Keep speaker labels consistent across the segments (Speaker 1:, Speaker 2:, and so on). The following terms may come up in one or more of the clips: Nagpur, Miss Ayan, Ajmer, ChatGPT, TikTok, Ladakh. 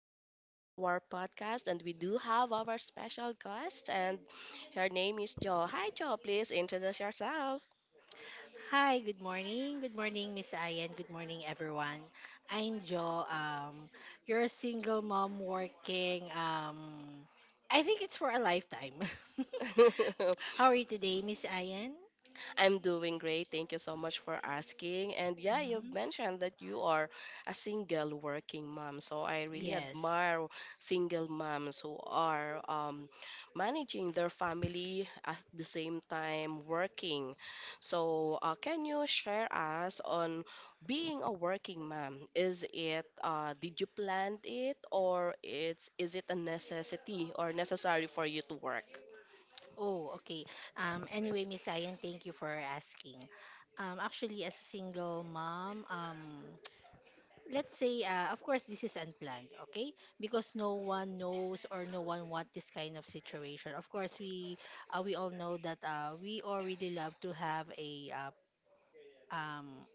Speaker 1: welcome back to our podcast, and we do have our special guest, and her name is Jo. Hi, Jo, please introduce yourself.
Speaker 2: Hi, good morning. Good morning, Miss Ayan. Good morning, everyone. I'm Jo. You're a single mom working. I think it's for a lifetime. How are you today, Miss Ayan?
Speaker 1: I'm doing great. Thank you so much for asking. And yeah, you've
Speaker 2: Mhm.
Speaker 1: mentioned that you are a single working mom. So I really
Speaker 2: Yes.
Speaker 1: admire single moms who are managing their family at the same time working. So can you share us on being a working mom? Is it did you plan it or it's is it a necessity or necessary for you to work?
Speaker 2: Oh, okay. Anyway, Miss Ayan, thank you for asking. Actually, as a single mom, let's say, of course, this is unplanned, okay? Because no one knows or no one wants this kind of situation. Of course, we all know that we all really love to have um,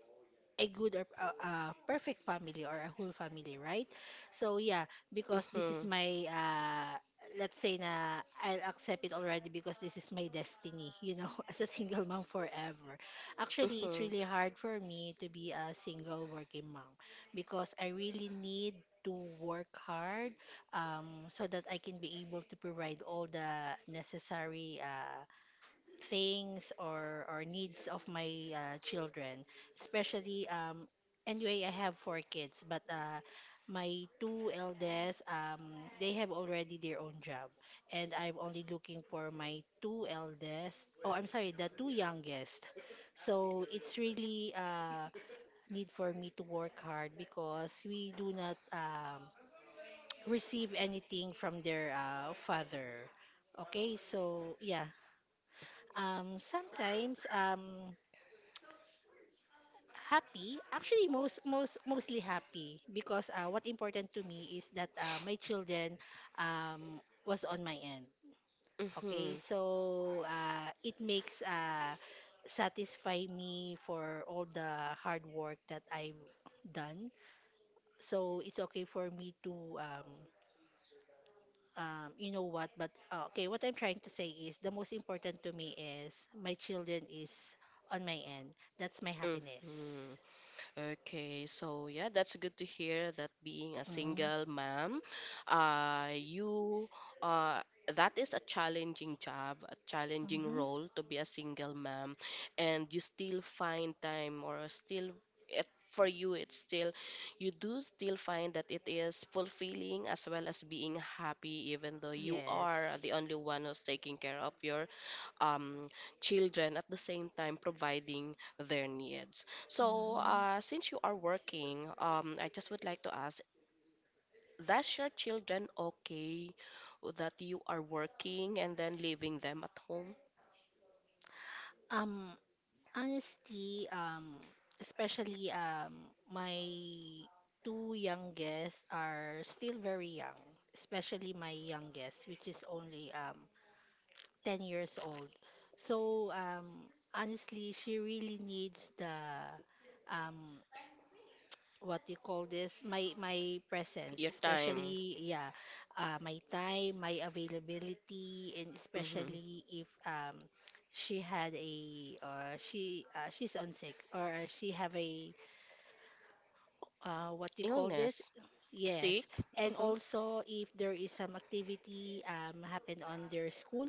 Speaker 2: a good or a perfect family or a whole family, right? So yeah, because this is
Speaker 1: Mm-hmm.
Speaker 2: my let's say na I'll accept it already because this is my destiny, you know, as a single mom forever. Actually, it's
Speaker 1: Mm-hmm.
Speaker 2: really hard for me to be a single working mom because I really need to work hard, so that I can be able to provide all the necessary things or needs of my children, especially anyway, I have four kids, but my two eldest, they have already their own job, and I'm only looking for my two eldest oh I'm sorry the two youngest. So it's really need for me to work hard because we do not receive anything from their father. Okay, so yeah, sometimes happy. Actually, mostly happy because what important to me is that my children um was on my end. Okay,
Speaker 1: Mm-hmm.
Speaker 2: so it makes satisfy me for all the hard work that I've done. So it's okay for me to you know what, but okay, what I'm trying to say is the most important to me is my children is on my end. That's my happiness.
Speaker 1: Mm-hmm. Okay, so yeah, that's good to hear that being a single
Speaker 2: Mm-hmm.
Speaker 1: mom, you uh, that is a challenging job, a challenging
Speaker 2: Mm-hmm.
Speaker 1: role to be a single mom, and you still find time or for you it's still you do still find that it is fulfilling as well as being happy even though you are the
Speaker 2: Yes.
Speaker 1: only one who's taking care of your um, children at the same time providing their needs. So,
Speaker 2: Hmm.
Speaker 1: since you are working, I just would like to ask, does your children okay that you are working and then leaving them at home?
Speaker 2: Um, Honestly, especially my two youngest are still very young, especially my youngest, which is only 10 years old. So honestly, she really needs the, um, what you call this, my presence,
Speaker 1: Your time,
Speaker 2: especially yeah, my time, my availability, and
Speaker 1: hmm
Speaker 2: especially if she had a, or she she's on six, or she have a what you call this?
Speaker 1: illness,
Speaker 2: Yes,
Speaker 1: sick,
Speaker 2: and
Speaker 1: hmm
Speaker 2: also if there is some activity happen on their school.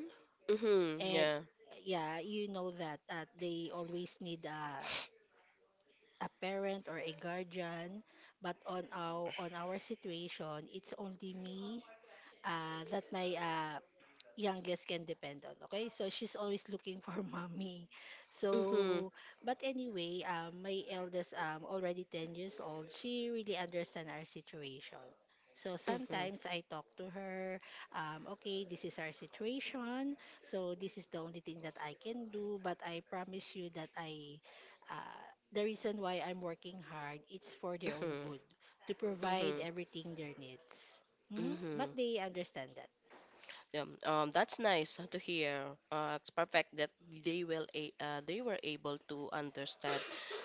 Speaker 1: hmm
Speaker 2: And
Speaker 1: yeah,
Speaker 2: yeah, you know that they always need a parent or a guardian, but on our situation, it's only me, that my youngest can depend on. Okay, so she's always looking for mommy.
Speaker 1: hmm
Speaker 2: So, but anyway, my eldest already 10 years old. She really understand our situation. So
Speaker 1: hmm
Speaker 2: sometimes I talk to her, okay, this is our situation. So this is the only thing that I can do, but I promise you that uh, the reason why I'm working hard, it's for their own good,
Speaker 1: hmm
Speaker 2: to provide
Speaker 1: hmm
Speaker 2: everything their needs. Mhm. But
Speaker 1: hmm.
Speaker 2: they understand that.
Speaker 1: Yeah, that's nice to hear. It's perfect that they will a they were able to understand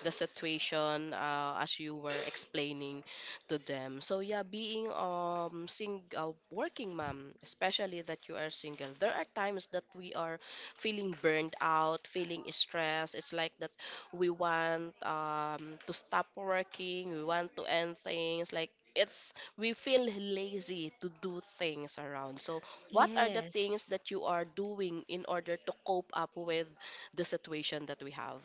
Speaker 1: the situation as you were explaining to them. So yeah, being sing working mom, especially that you are single, there are times that we are feeling burned out, feeling stressed. It's like that we want to stop working, we want to end things like. It's we feel lazy to do things around. So what are the things
Speaker 2: Yes.
Speaker 1: that you are doing in order to cope up with the situation that we have?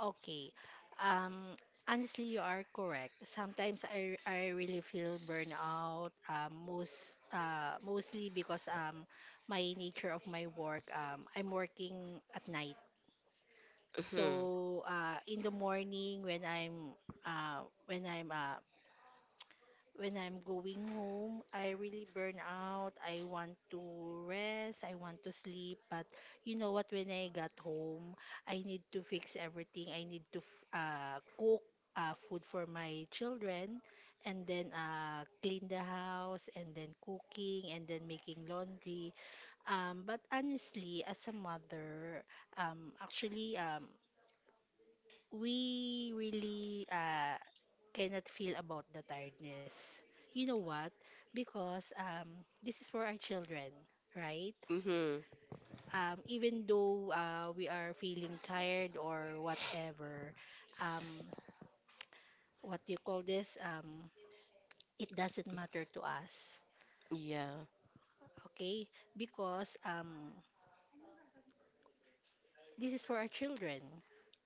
Speaker 2: Okay. Um, Honestly, you are correct. Sometimes I really feel burnout, mostly because my nature of my work, I'm working at night.
Speaker 1: Mm-hmm.
Speaker 2: So in the morning when I'm uh, when I'm when I'm going home, I really burn out. I want to rest. I want to sleep. But you know what? When I got home, I need to fix everything. I need to cook food for my children, and then clean the house, and then cooking, and then making laundry. But honestly, as a mother, um, actually, um, we really cannot feel about the tiredness. You know what? Because this is for our children, right?
Speaker 1: Mm-hmm.
Speaker 2: Even though we are feeling tired or whatever, um, what do you call this? It doesn't matter to us,
Speaker 1: Yeah.
Speaker 2: okay? Because this is for our children,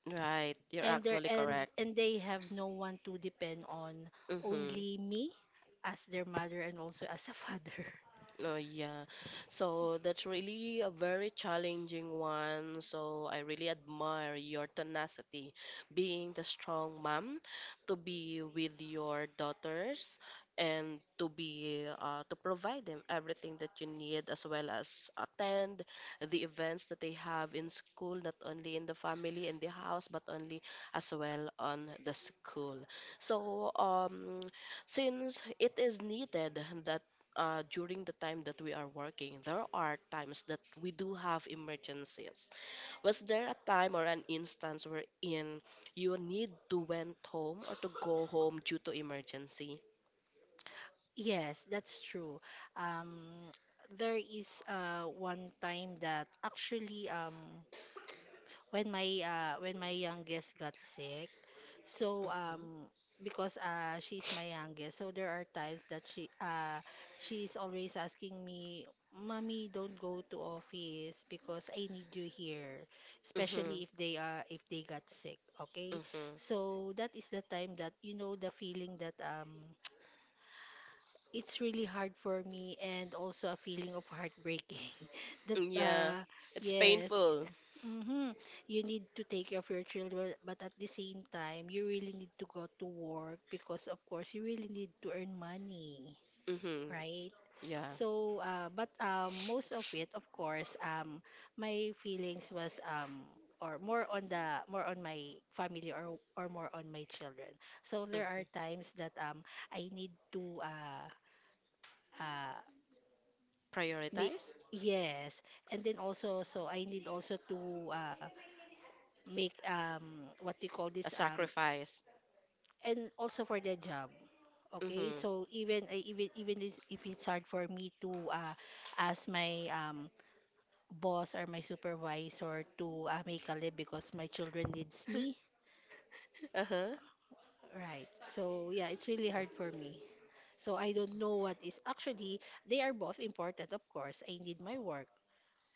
Speaker 1: Right. You're actually correct.
Speaker 2: and they have no one to depend on,
Speaker 1: Mm-hmm.
Speaker 2: only me as their mother, and also as a father.
Speaker 1: Oh, yeah. So that's really a very challenging one. So I really admire your tenacity, being the strong mom to be with your daughters and to be to provide them everything that you need as well as attend the events that they have in school, not only in the family in the house, but only as well on the school. So since it is needed that during the time that we are working, there are times that we do have emergencies. Was there a time or an instance wherein you need to went home or to go home due to emergency?
Speaker 2: Yes, that's true. Um, there is one time that actually, when my youngest got sick, so
Speaker 1: Mm-hmm.
Speaker 2: because she's my youngest, so there are times that she's always asking me, "Mommy, don't go to office because I need you here,"
Speaker 1: Mm-hmm.
Speaker 2: especially if they are if they got sick. Okay,
Speaker 1: Mm-hmm.
Speaker 2: so that is the time that you know the feeling that it's really hard for me, and also a feeling of heartbreaking that
Speaker 1: Yeah, it's
Speaker 2: yes,
Speaker 1: painful.
Speaker 2: mm-hmm, you need to take care of your children, but at the same time you really need to go to work because of course you really need to earn money,
Speaker 1: Mm-hmm.
Speaker 2: right?
Speaker 1: Yeah.
Speaker 2: So but most of it of course my feelings was or more on my family, or more on my children. So there
Speaker 1: Mm-hmm.
Speaker 2: are times that I need to uh, make,
Speaker 1: Prioritize?
Speaker 2: yes, and then also so I need also to make, what you call
Speaker 1: A
Speaker 2: this,
Speaker 1: sacrifice.
Speaker 2: and also for the job. Okay,
Speaker 1: Mm-hmm.
Speaker 2: so even I- even even if it's hard for me to ask my boss or my supervisor to make a leave because my children needs me,
Speaker 1: Uh-huh.
Speaker 2: right? So yeah, it's really hard for me, so I don't know what is actually, they are both important, of course I need my work,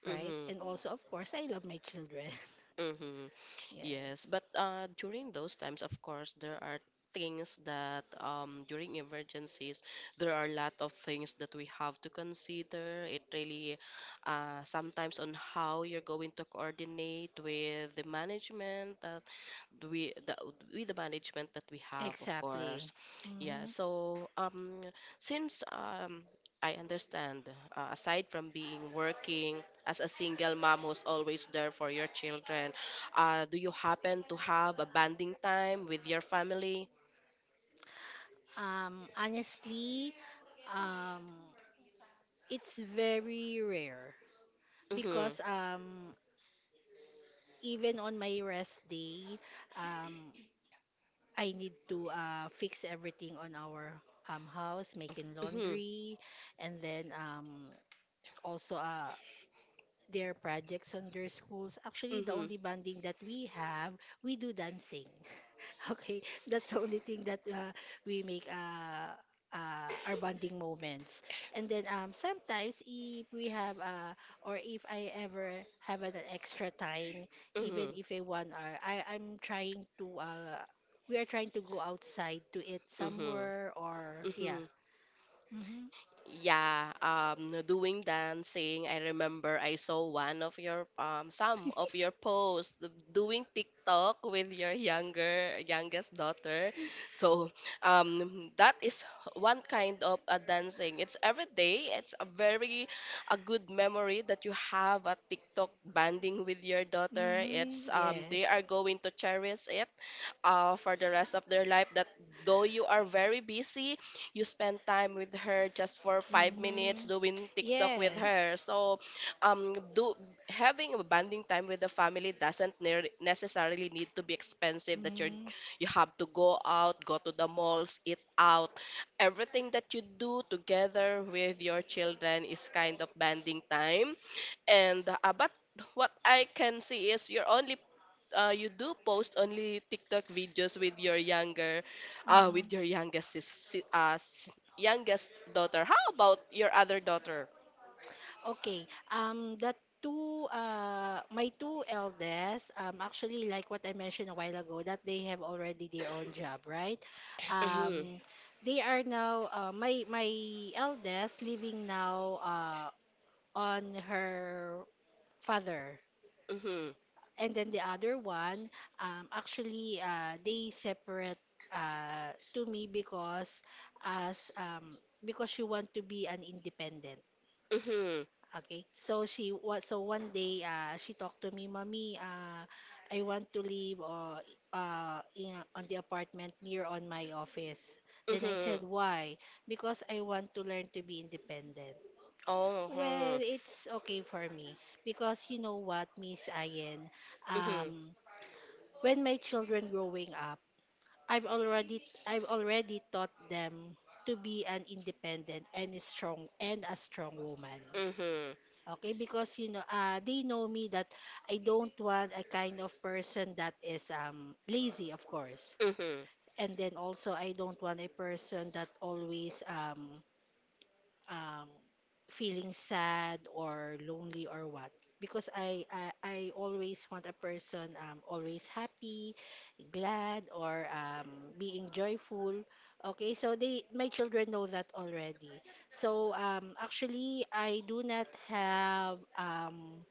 Speaker 2: right, and
Speaker 1: Mm-hmm.
Speaker 2: also of course I love my children.
Speaker 1: Mm-hmm. Yes,
Speaker 2: Yes.
Speaker 1: but during those times, of course, there are things that during emergencies, there are a lot of things that we have to consider. It really sometimes on how you're going to coordinate with the management, we the with the management that we have, of course.
Speaker 2: Exactly.
Speaker 1: Yeah,
Speaker 2: Hmm.
Speaker 1: so since I understand, aside from being working as a single mom who's always there for your children, do you happen to have a bonding time with your family?
Speaker 2: Honestly, um, it's very rare
Speaker 1: Mhm
Speaker 2: because even on my rest day, um, I need to fix everything on our house, making
Speaker 1: mhm
Speaker 2: laundry, and then also their projects on their schools. Actually, the
Speaker 1: mhm
Speaker 2: only bonding that we have, we do dancing. Okay, that's the only thing that we make our bonding moments. And then sometimes if we have or if I ever have an extra time, even
Speaker 1: mhm
Speaker 2: if a 1 hour, I'm trying to we are trying to go outside to eat
Speaker 1: mhm
Speaker 2: somewhere or yeah.
Speaker 1: mhm.
Speaker 2: Mm-hmm.
Speaker 1: Yeah, no doing dancing. I remember I saw one of your some of your posts d- doing TikTok with your younger youngest daughter. So, that is one kind of a dancing. It's every day. It's a very a good memory that you have a TikTok banding with your daughter. It's
Speaker 2: Mm-hmm.
Speaker 1: they
Speaker 2: Yes.
Speaker 1: are going to cherish it for the rest of their life, that though you are very busy, you spend time with her just for 5 minutes
Speaker 2: Mm-hmm.
Speaker 1: doing TikTok with her.
Speaker 2: Yes.
Speaker 1: So, do having a bonding time with the family doesn't ne- necessarily need to be expensive. That you're
Speaker 2: Mm-hmm.
Speaker 1: you have to go out, go to the malls, eat out. Everything that you do together with your children is kind of bonding time. And but what I can see is you do post only TikTok videos with your younger,
Speaker 2: Mm-hmm.
Speaker 1: with your youngest sis, si- youngest daughter. How about your other daughter?
Speaker 2: Okay. The two, my two eldest, actually, like what I mentioned a while ago, that they have already their own job, right?
Speaker 1: Mhm,
Speaker 2: Um, they are now, my eldest living now, on her father,
Speaker 1: mhm,
Speaker 2: and then the other one, actually, they separate, to me because as because she want to be an independent.
Speaker 1: mhm,
Speaker 2: Okay. So she was so one day she talked to me, "Mommy, I want to live in, on the apartment near on my office." Then I
Speaker 1: mhm.
Speaker 2: said, "Why?" Because I want to learn to be independent.
Speaker 1: Oh,
Speaker 2: Well,
Speaker 1: huh.
Speaker 2: it's okay for me because you know what, Miss Ayen,
Speaker 1: Mhm,
Speaker 2: um when my children growing up, I've already I've already taught them to be an independent, and a strong woman.
Speaker 1: mhm,
Speaker 2: Okay, because you know, they know me that I don't want a kind of person that is lazy, of course.
Speaker 1: mhm,
Speaker 2: And then also I don't want a person that always um feeling sad or lonely or what. Because I always want a person always happy, glad, or being joyful. Okay, so they my children know that already. So actually I do not have,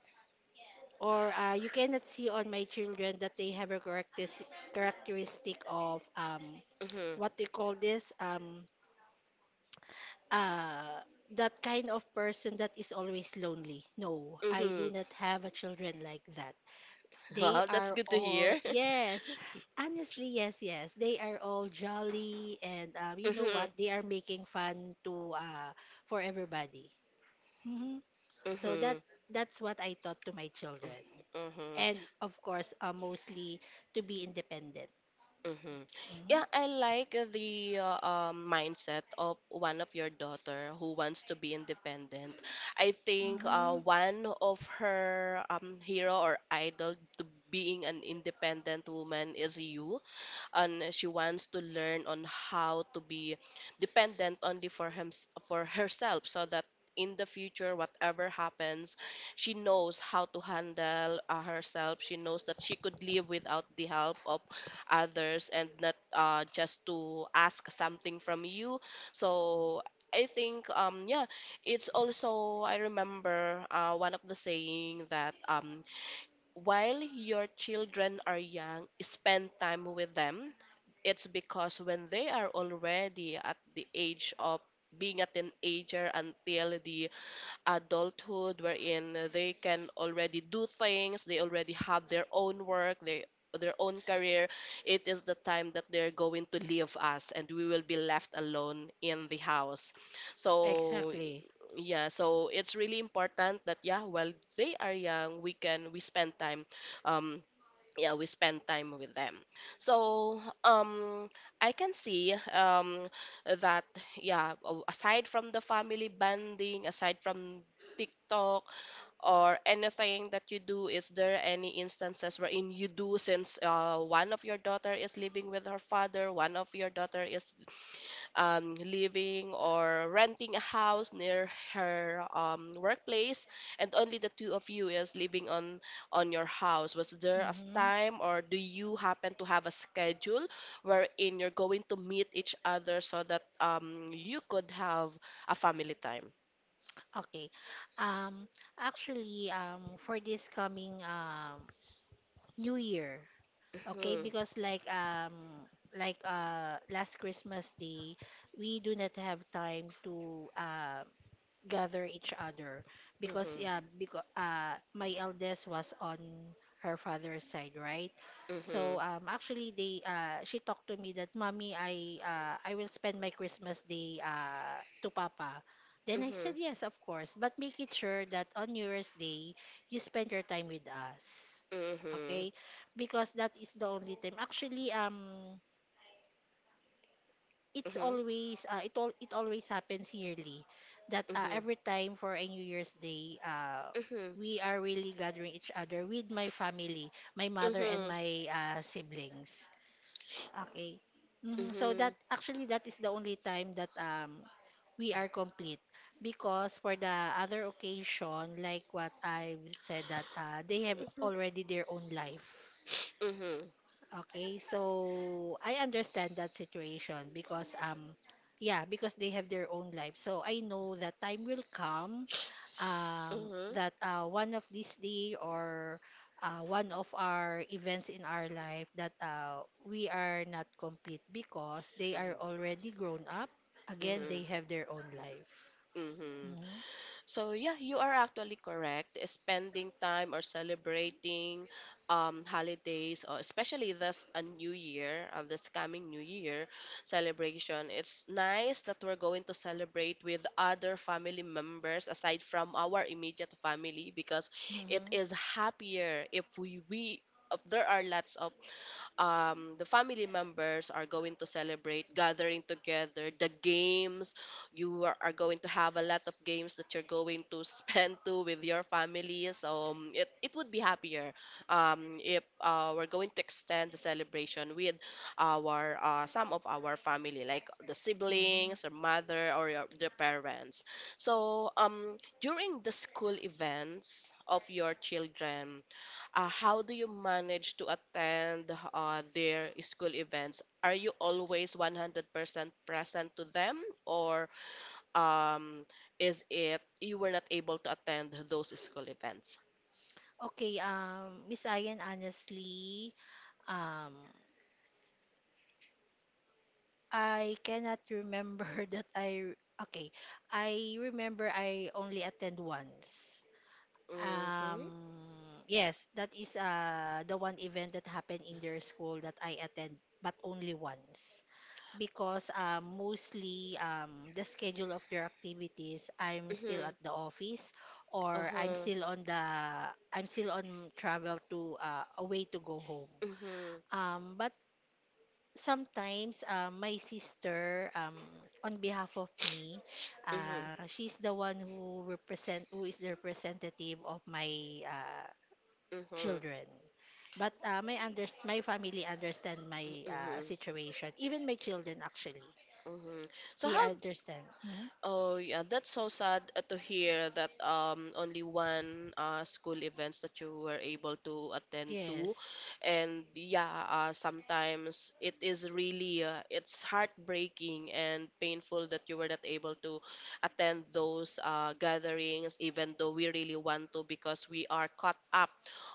Speaker 2: or you cannot see on my children that they have a characteristic of
Speaker 1: mhm,
Speaker 2: what do you call this, uh, that kind of person that is always lonely. No, I do
Speaker 1: mhm.
Speaker 2: not have a children like that. They
Speaker 1: Well, that's
Speaker 2: are
Speaker 1: good to
Speaker 2: all
Speaker 1: hear.
Speaker 2: yes, honestly, yes. They are all jolly, and you know what?
Speaker 1: Mhm,
Speaker 2: They are making fun to for everybody. Hmm. So
Speaker 1: mhm,
Speaker 2: that's what I taught to my children.
Speaker 1: mhm.
Speaker 2: And of course, mostly to be independent.
Speaker 1: Mm-hmm.
Speaker 2: Mhm.
Speaker 1: Yeah, I like the mindset of one of your daughter who wants to be independent. I think
Speaker 2: Mhm.
Speaker 1: one of her hero or idol to being an independent woman is you, and she wants to learn on how to be dependent only for him for herself, so that in the future whatever happens she knows how to handle herself, she knows that she could live without the help of others and not just to ask something from you. So I think yeah, it's also I remember one of the saying that while your children are young, spend time with them. It's because when they are already at the age of being a teenager until the adulthood wherein they can already do things, they already have their own work, they their own career, it is the time that they're going to leave us and we will be left alone in the house. So
Speaker 2: Exactly.
Speaker 1: yeah, so it's really important that yeah while they are young we spend time, um yeah, we spend time with them. So I can see that yeah, a- aside from the family bonding, aside from TikTok or anything that you do, is there any instances wherein you do, since one of your daughter is living with her father, one of your daughter is living or renting a house near her workplace, and only the two of you is living on your house. Was there a
Speaker 2: Mhm.
Speaker 1: time, or do you happen to have a schedule wherein you're going to meet each other so that you could have a family time?
Speaker 2: Okay. Um, Actually, for this coming New Year, okay,
Speaker 1: Mhm,
Speaker 2: because like last Christmas Day, we do not have time to gather each other because
Speaker 1: mhm,
Speaker 2: yeah because my eldest was on her father's side, right? So
Speaker 1: mhm,
Speaker 2: actually they she talked to me that, "Mommy, I will spend my Christmas day to papa." Then I said,
Speaker 1: mhm,
Speaker 2: "Yes, of course, but make it sure that on New Year's Day you spend your time with us."
Speaker 1: mhm,
Speaker 2: Okay, because that is the only time actually, it's
Speaker 1: mhm,
Speaker 2: always it always happens yearly that
Speaker 1: mhm,
Speaker 2: every time for a New Year's Day,
Speaker 1: mhm,
Speaker 2: we are really gathering each other with my family, my mother and
Speaker 1: mhm,
Speaker 2: my siblings. Okay. Mhm. So that
Speaker 1: mhm,
Speaker 2: actually that is the only time that we are complete, because for the other occasion, like what I've said, that they have already their own life.
Speaker 1: mhm,
Speaker 2: Okay, so I understand that situation, because yeah, because they have their own life. So I know that time will come um
Speaker 1: mhm,
Speaker 2: that one of these day or one of our events in our life that we are not complete because they are already grown up. Again, they
Speaker 1: mhm,
Speaker 2: have their own life.
Speaker 1: mhm, mhm.
Speaker 2: Mhm.
Speaker 1: So yeah, you are actually correct. Spending time or celebrating holidays, or especially this a new year, this coming new year celebration. It's nice that we're going to celebrate with other family members aside from our immediate family, because it
Speaker 2: Mhm.
Speaker 1: is happier if we if there are lots of, the family members are going to celebrate gathering together, the games you are going to have a lot of games that you're going to spend to with your families, it would be happier if we're going to extend the celebration with our some of our family like the
Speaker 2: Mhm.
Speaker 1: siblings or mother or your, the parents. So during the school events of your children, how do you manage to attend their school events? Are you always 100% present to them, or um, is it you were not able to attend those school events?
Speaker 2: Okay, Miss Ayan, honestly, um I cannot remember that I okay. I remember I only attend once.
Speaker 1: Mm-hmm.
Speaker 2: Um, yes, that is the one event that happened in their school that I attend, but only once. Because mostly, the schedule of their activities, I'm still
Speaker 1: Mm-hmm.
Speaker 2: at the office or
Speaker 1: Uh-huh.
Speaker 2: I'm still on travel to a way to go home.
Speaker 1: Mm-hmm.
Speaker 2: But sometimes, my sister, on behalf of me,
Speaker 1: Mm-hmm.
Speaker 2: she's the one who is the representative of my uh,
Speaker 1: Mm-hmm.
Speaker 2: children, but my under my family understand my
Speaker 1: Mm-hmm.
Speaker 2: situation, even my children actually
Speaker 1: Mm-hmm. So
Speaker 2: they
Speaker 1: how?
Speaker 2: understand. Mhm.
Speaker 1: Oh yeah, that's so sad to hear that only one school events that you were able to attend to,
Speaker 2: Yes.
Speaker 1: and yeah, sometimes it is really it's heartbreaking and painful that you were not able to attend those gatherings, even though we really want to because we are caught up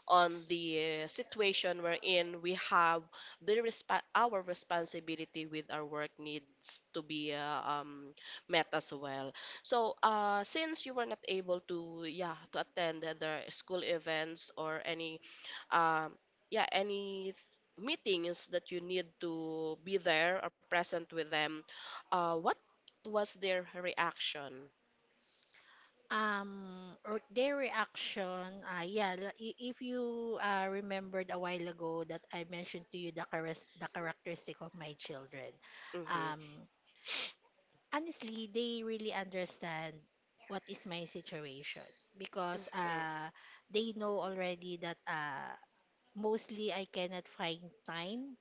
Speaker 1: on the situation we're in. We have the resp our responsibility with our work needs to be met as well. So, since you were not able to, yeah, to attend the school events or any, um, yeah, meetings that you need to be there or present with them, what was their reaction?
Speaker 2: or Their reaction, yeah, if you remembered a while ago that I mentioned to you the the characteristic of my children.
Speaker 1: Mm-hmm.
Speaker 2: um Honestly, they really understand what is my situation, because
Speaker 1: Mm-hmm.
Speaker 2: they know already that mostly I cannot find time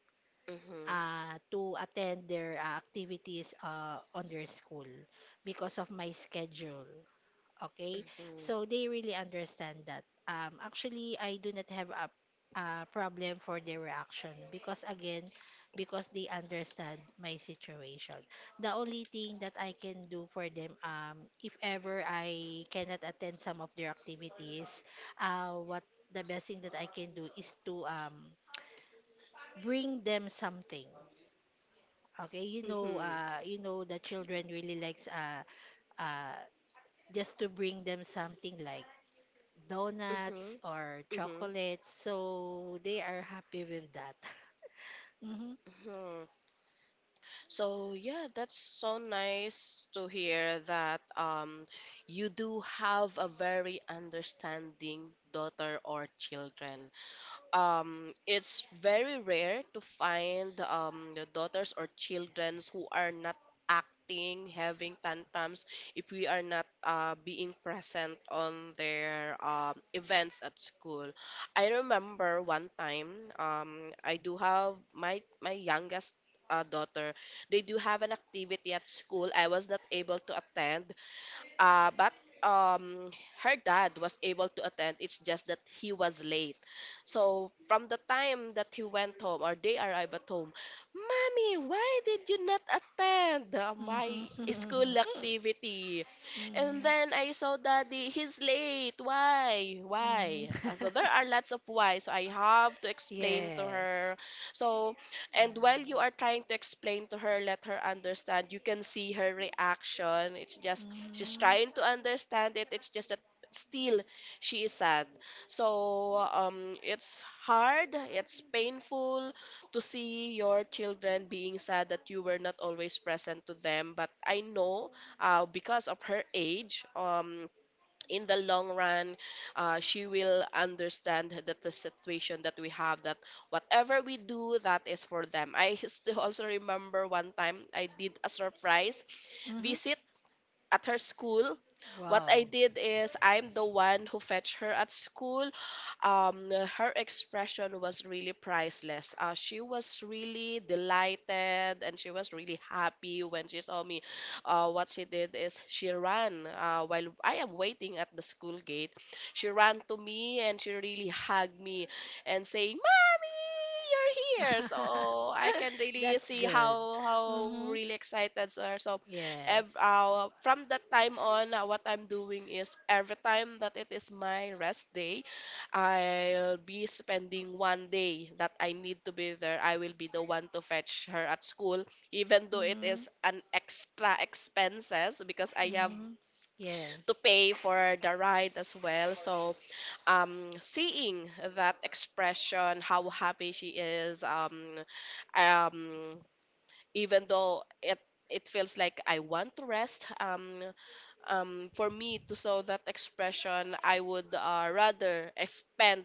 Speaker 1: Mm-hmm.
Speaker 2: to attend their activities on their school because of my schedule. Okay, so
Speaker 1: Mm-hmm.
Speaker 2: they really understand that. Actually, I do not have a problem for their reaction, because again, because they understand my situation. The only thing that I can do for them, if ever I cannot attend some of their activities, what the best thing that I can do is to, bring them something. Okay,
Speaker 1: Mm-hmm.
Speaker 2: the children really likes, uh, just to bring them something like donuts or
Speaker 1: Mm-hmm.
Speaker 2: chocolates. So they are happy with that. Hmm.
Speaker 1: Mm-hmm. So yeah, that's so nice to hear that you do have a very understanding daughter or children. It's very rare to find the daughters or childrens who are not acting, having tantrums if we are not being present on their events at school. I remember one time, I do have my youngest daughter. They do have an activity at school. I was not able to attend, but um, her dad was able to attend. It's just that he was late. So from the time that he went home or they arrived at home, "Mommy, why did you not attend
Speaker 2: Hmm.
Speaker 1: my school activity?" And
Speaker 2: Hmm.
Speaker 1: then I saw Daddy, he's late. Why?
Speaker 2: Hmm.
Speaker 1: Why? So there are lots of why. So I have to explain to
Speaker 2: Yes.
Speaker 1: her. So and while you are trying to explain to her, let her understand, you can see her reaction. It's just she's
Speaker 2: Mm-hmm.
Speaker 1: trying to understand it. It's just that still she is sad. So it's hard, it's painful to see your children being sad that you were not always present to them, but I know because of her age, in the long run she will understand that the situation that we have, that whatever we do that is for them. I still also remember one time I did a surprise
Speaker 2: Mm-hmm.
Speaker 1: visit at her school. What I
Speaker 2: Wow.
Speaker 1: did is I'm the one who fetched her at school. Her expression was really priceless. She was really delighted and she was really happy when she saw me. What she did is she ran, while I am waiting at the school gate. She ran to me and she really hugged me and saying, "Mommy, you're here!" So I can really
Speaker 2: That's
Speaker 1: see
Speaker 2: good.
Speaker 1: how
Speaker 2: Mm-hmm.
Speaker 1: really excited are. So
Speaker 2: Yes.
Speaker 1: from that time on, what I'm doing is every time that it is my rest day, I'll be spending one day that I need to be there. I will be the one to fetch her at school, even though it
Speaker 2: Mm-hmm.
Speaker 1: is an extra expenses because I have
Speaker 2: Mm-hmm.
Speaker 1: to
Speaker 2: Yes.
Speaker 1: pay for the ride as well. So, seeing that expression, how happy she is, um, even though it feels like I want to rest. For me to show that expression, I would, rather expend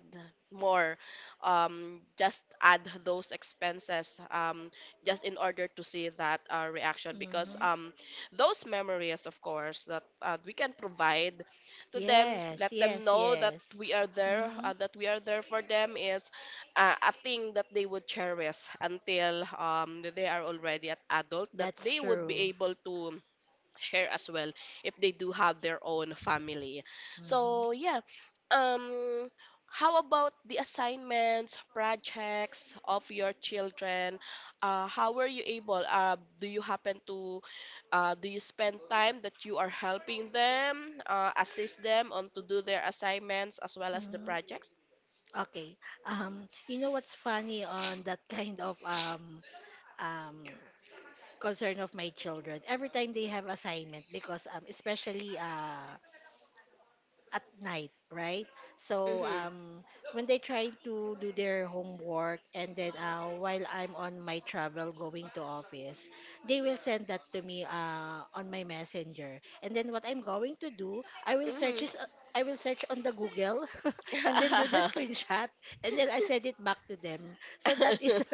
Speaker 1: more, just add those expenses, just in order to see that, reaction. Because,
Speaker 2: Mm-hmm.
Speaker 1: those memories, of course, that, we can provide to them,
Speaker 2: Yes,
Speaker 1: let them
Speaker 2: yes,
Speaker 1: know that
Speaker 2: yes.
Speaker 1: we are there,
Speaker 2: Mm-hmm.
Speaker 1: that we are there for them, is, a thing that they would cherish until, they are already at adult, that
Speaker 2: That's
Speaker 1: they would be
Speaker 2: true.
Speaker 1: able to share as well if they do have their own family. So yeah, um, how about the assignments, projects of your children? How were you able? Do you happen to, do you spend time that you are helping them, assist them on to do their assignments as well as the
Speaker 2: Mm-hmm.
Speaker 1: projects?
Speaker 2: Okay. You know what's funny on that kind of um concern of my children? Every time they have assignment, because especially at night, right? So,
Speaker 1: Mm-hmm.
Speaker 2: when they try to do their homework, and then while I'm on my travel going to office, they will send that to me on my messenger. And then what I'm going to do,
Speaker 1: Mm-hmm.
Speaker 2: I will search on the Google and then do the screenshot and then I send it back to them. So that is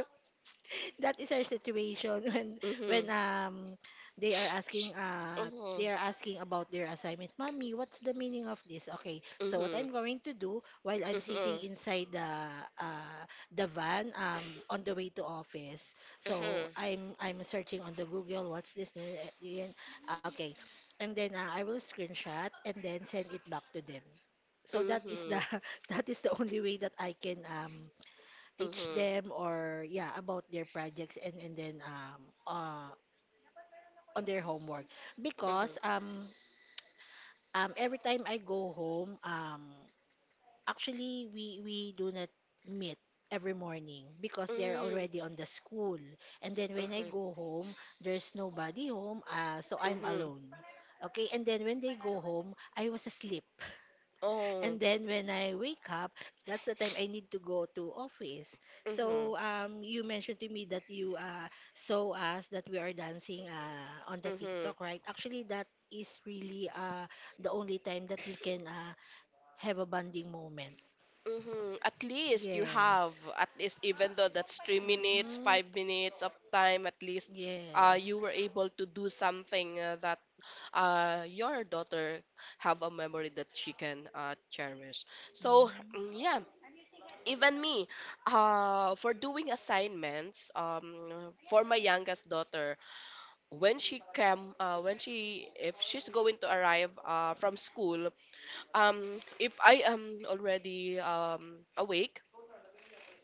Speaker 2: that is our situation when
Speaker 1: Mm-hmm. Mm-hmm.
Speaker 2: they are asking about their assignment. Mommy, what's the meaning of this? Okay, so what
Speaker 1: Mm-hmm.
Speaker 2: I'm going to do while I'm sitting inside uh, the van, on the way to office. So
Speaker 1: Mm-hmm.
Speaker 2: I'm searching on the Google, what's this? Okay. And then I will screenshot and then send it back to them. So that is
Speaker 1: Mhm.
Speaker 2: the that is the only way that I can, um, teach
Speaker 1: Mhm.
Speaker 2: them, or yeah, about their projects and then uh on their homework,
Speaker 1: Mhm.
Speaker 2: because every time I go home, actually we do not meet every morning because they're
Speaker 1: Mm.
Speaker 2: already on the school, and then when I
Speaker 1: Mhm.
Speaker 2: go home there's nobody home, so I'm
Speaker 1: Mhm.
Speaker 2: alone. Okay, and then when they go home I was asleep.
Speaker 1: Oh.
Speaker 2: And then when I wake up, that's the time I need to go to office.
Speaker 1: Mhm.
Speaker 2: So, you mentioned to me that you saw us that we are dancing on the
Speaker 1: Mhm.
Speaker 2: TikTok, right? Actually, that is really the only time that we can have a bonding moment.
Speaker 1: Mhm. At least you have
Speaker 2: Yes.
Speaker 1: at least, even though that's 3 minutes,
Speaker 2: Mm-hmm.
Speaker 1: 5 minutes of time at least, you
Speaker 2: Yes.
Speaker 1: were able to do something, that your daughter have a memory that she can cherish. So mm,
Speaker 2: Mm-hmm.
Speaker 1: yeah, even me, for doing assignments, for my youngest daughter, when she came, when she if she's going to arrive, from school, if I am already awake,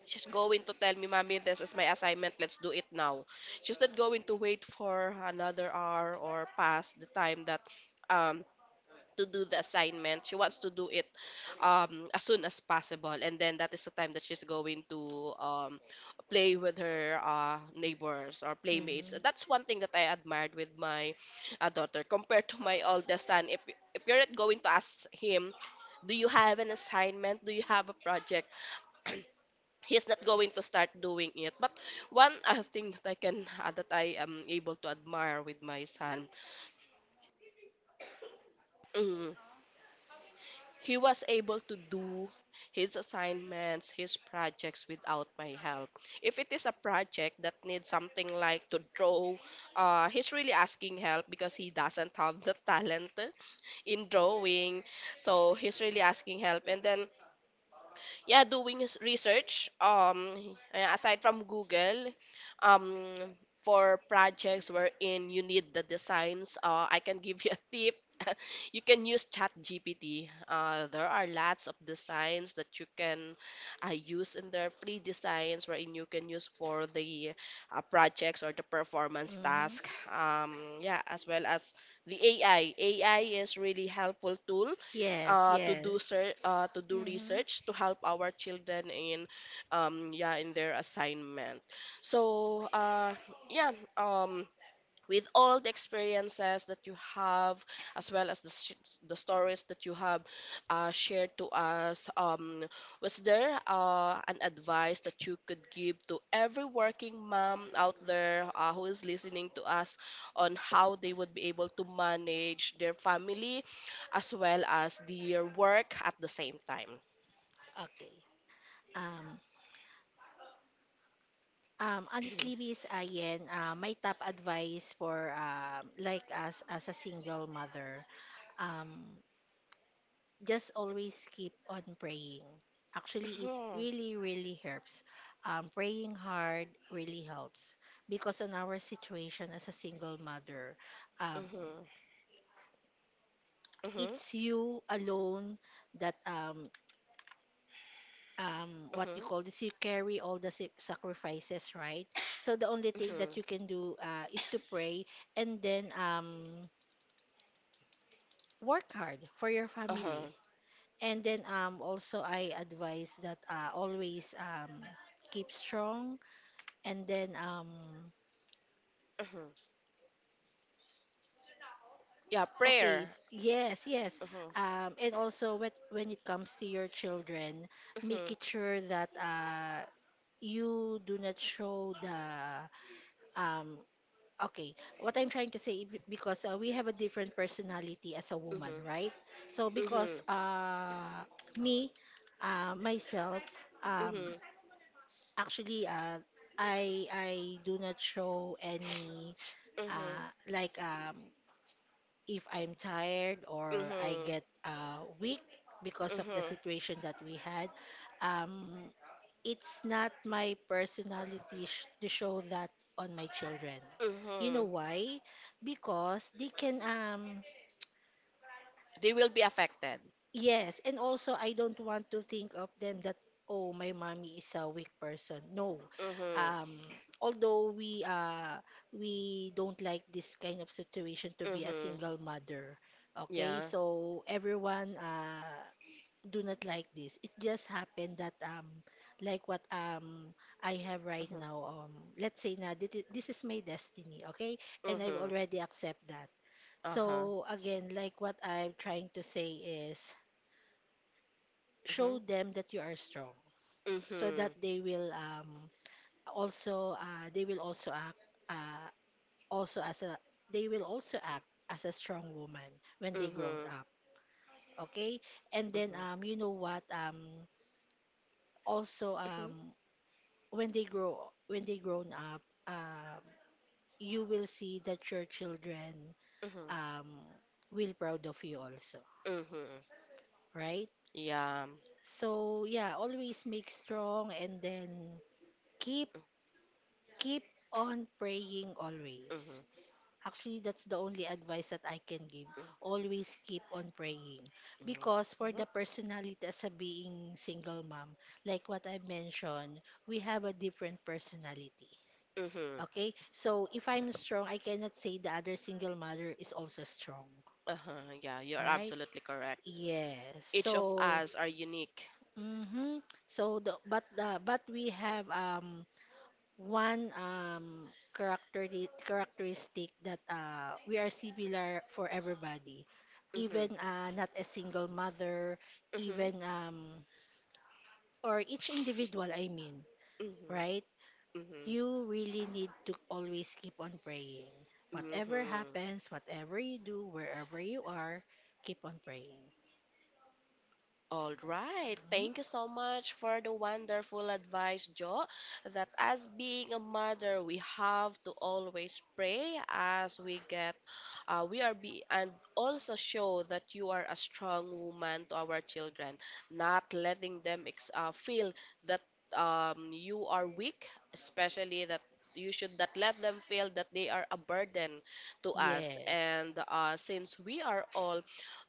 Speaker 1: she's going to tell me, "Mommy, this is my assignment, let's do it now." She's not going to wait for another hour or past the time that, um to do the assignment. She wants to do it, as soon as possible, and then that is the time that she's going to, play with her, neighbors or playmates.
Speaker 2: Mm-hmm.
Speaker 1: That's one thing that I admired with my, daughter, compared to my oldest son. If you're not going to ask him, do you have an assignment? Do you have a project? He's not going to start doing it. But one, thing that I can, that I am able to admire with my son. mm, He was able to do his assignments, his projects without my help. If it is a project that needs something like to draw, he's really asking help because he doesn't have the talent in drawing. So he's really asking help. And then yeah, doing research, yeah, aside from Google, um for projects wherein you need the designs, I can give you a tip. You can use ChatGPT. There are lots of designs that you can, use in their free designs wherein you can use for the, projects or the performance task,
Speaker 2: Mm-hmm.
Speaker 1: yeah, as well as the AI. AI is really helpful tool,
Speaker 2: Yes, yes.
Speaker 1: to do
Speaker 2: Mm-hmm.
Speaker 1: research to help our children in, yeah, in their assignment. So, yeah, um, with all the experiences that you have as well as the stories that you have, shared to us, was there, an advice that you could give to every working mom out there, who is listening to us on how they would be able to manage their family as well as their work at the same time?
Speaker 2: Okay. Um, honestly, Miss Ayen, my top advice for, like us as a single mother, um, just always keep on praying. Actually, it
Speaker 1: Mhm,
Speaker 2: really, really helps. Praying hard really helps, because on our situation as a single mother, um,
Speaker 1: mhm, mhm,
Speaker 2: it's you alone that, what you
Speaker 1: mhm,
Speaker 2: call this, you carry all the sacrifices, right? So the only thing that
Speaker 1: mhm,
Speaker 2: you can do, is to pray, and then work hard for your
Speaker 1: uh-huh,
Speaker 2: family, and then also I advise that, always, keep strong, and then
Speaker 1: mhm. Yeah,
Speaker 2: okay,
Speaker 1: prayer.
Speaker 2: yes, yes,
Speaker 1: Mhm,
Speaker 2: and also when it comes to your children, make
Speaker 1: mhm.
Speaker 2: it sure that you do not show the um okay, what I'm trying to say, because we have a different personality as a woman,
Speaker 1: Mhm.
Speaker 2: right? So because
Speaker 1: Mhm.
Speaker 2: me, myself, um,
Speaker 1: Mhm.
Speaker 2: actually, I do not show any,
Speaker 1: Mhm.
Speaker 2: like, if I'm tired or I
Speaker 1: Mhm.
Speaker 2: get, weak because of the
Speaker 1: Mhm.
Speaker 2: situation that we had. Um, it's not my personality to show that on my children. You
Speaker 1: Mhm.
Speaker 2: know why? Because they can,
Speaker 1: They will be affected.
Speaker 2: yes, and also I don't want to think of them that, oh, my mommy is a weak person. No.
Speaker 1: Mhm.
Speaker 2: Um, although we don't like this kind of situation to be a
Speaker 1: Mhm.
Speaker 2: single mother. Okay?
Speaker 1: Yeah.
Speaker 2: So everyone do not like this. It just happened that, like what, I have right
Speaker 1: Mhm.
Speaker 2: now, let's say na, this is my destiny, okay? And I've
Speaker 1: Mhm.
Speaker 2: already accept that.
Speaker 1: Uh-huh.
Speaker 2: So again, like what I'm trying to say is, show
Speaker 1: Mhm.
Speaker 2: them that you are strong, so that
Speaker 1: Mhm.
Speaker 2: they will, also, they will also act, uh also as a, they will also act as a strong woman when they grown
Speaker 1: Mhm.
Speaker 2: up, okay? And then,
Speaker 1: Mhm.
Speaker 2: you know what, also,
Speaker 1: Mhm.
Speaker 2: when they grow when they grown up, um, you will see that your children,
Speaker 1: Mhm.
Speaker 2: um, will proud of you also,
Speaker 1: Mhm.
Speaker 2: right?
Speaker 1: Yeah.
Speaker 2: So yeah, always make strong, and then keep
Speaker 1: Mhm.
Speaker 2: keep on praying always.
Speaker 1: Mhm.
Speaker 2: Actually, that's the only advice that I can give. Always keep on praying. Because for
Speaker 1: Mhm.
Speaker 2: the personality as a being single mom, like what I mentioned, we have a different personality.
Speaker 1: Mhm.
Speaker 2: Okay? So if I'm strong, I cannot say the other single mother is also strong,
Speaker 1: Uh-huh. Yeah, you're
Speaker 2: right?
Speaker 1: absolutely correct.
Speaker 2: Yes.
Speaker 1: Each of
Speaker 2: So,
Speaker 1: us are unique.
Speaker 2: mhm. So the but we have, one, characteristic that we are similar for everybody. Even
Speaker 1: Mhm.
Speaker 2: not a single mother,
Speaker 1: Mhm.
Speaker 2: even, or each individual I mean,
Speaker 1: Mhm.
Speaker 2: right?
Speaker 1: Mhm.
Speaker 2: You really need to always keep on praying. Whatever
Speaker 1: Mhm.
Speaker 2: happens, whatever you do, wherever you are, keep on praying.
Speaker 1: All right.
Speaker 2: Mhm.
Speaker 1: Thank you so much for the wonderful advice, Jo. That as being a mother, we have to always pray as we get, and also show that you are a strong woman to our children, not letting them ex feel that, you are weak, especially that you should not let them feel that they are a burden to us.
Speaker 2: Yes.
Speaker 1: And since we are all,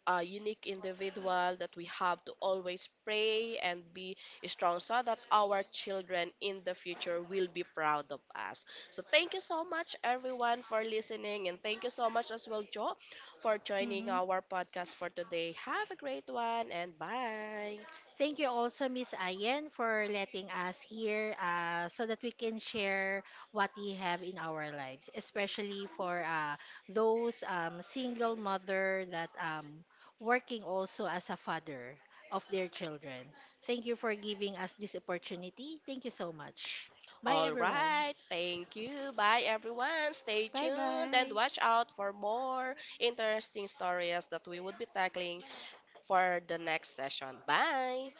Speaker 1: unique individual, that we have to always pray and be strong so that our children in the future will be proud of us. So thank you so much everyone for listening, and thank you so much as well, Joe, for joining our podcast for today. Have a great one and bye.
Speaker 2: Thank you also, Miss Ayen, for letting us here, so that we can share what we have in our lives, especially for, those, single mother that, working also as a father of their children. Thank you for giving us this opportunity. Thank you so much. Bye,
Speaker 1: All
Speaker 2: everyone.
Speaker 1: right, thank you. Bye everyone. Stay
Speaker 2: Bye
Speaker 1: tuned and
Speaker 2: bye.
Speaker 1: watch out for more interesting stories that we would be tackling for the next session. Bye.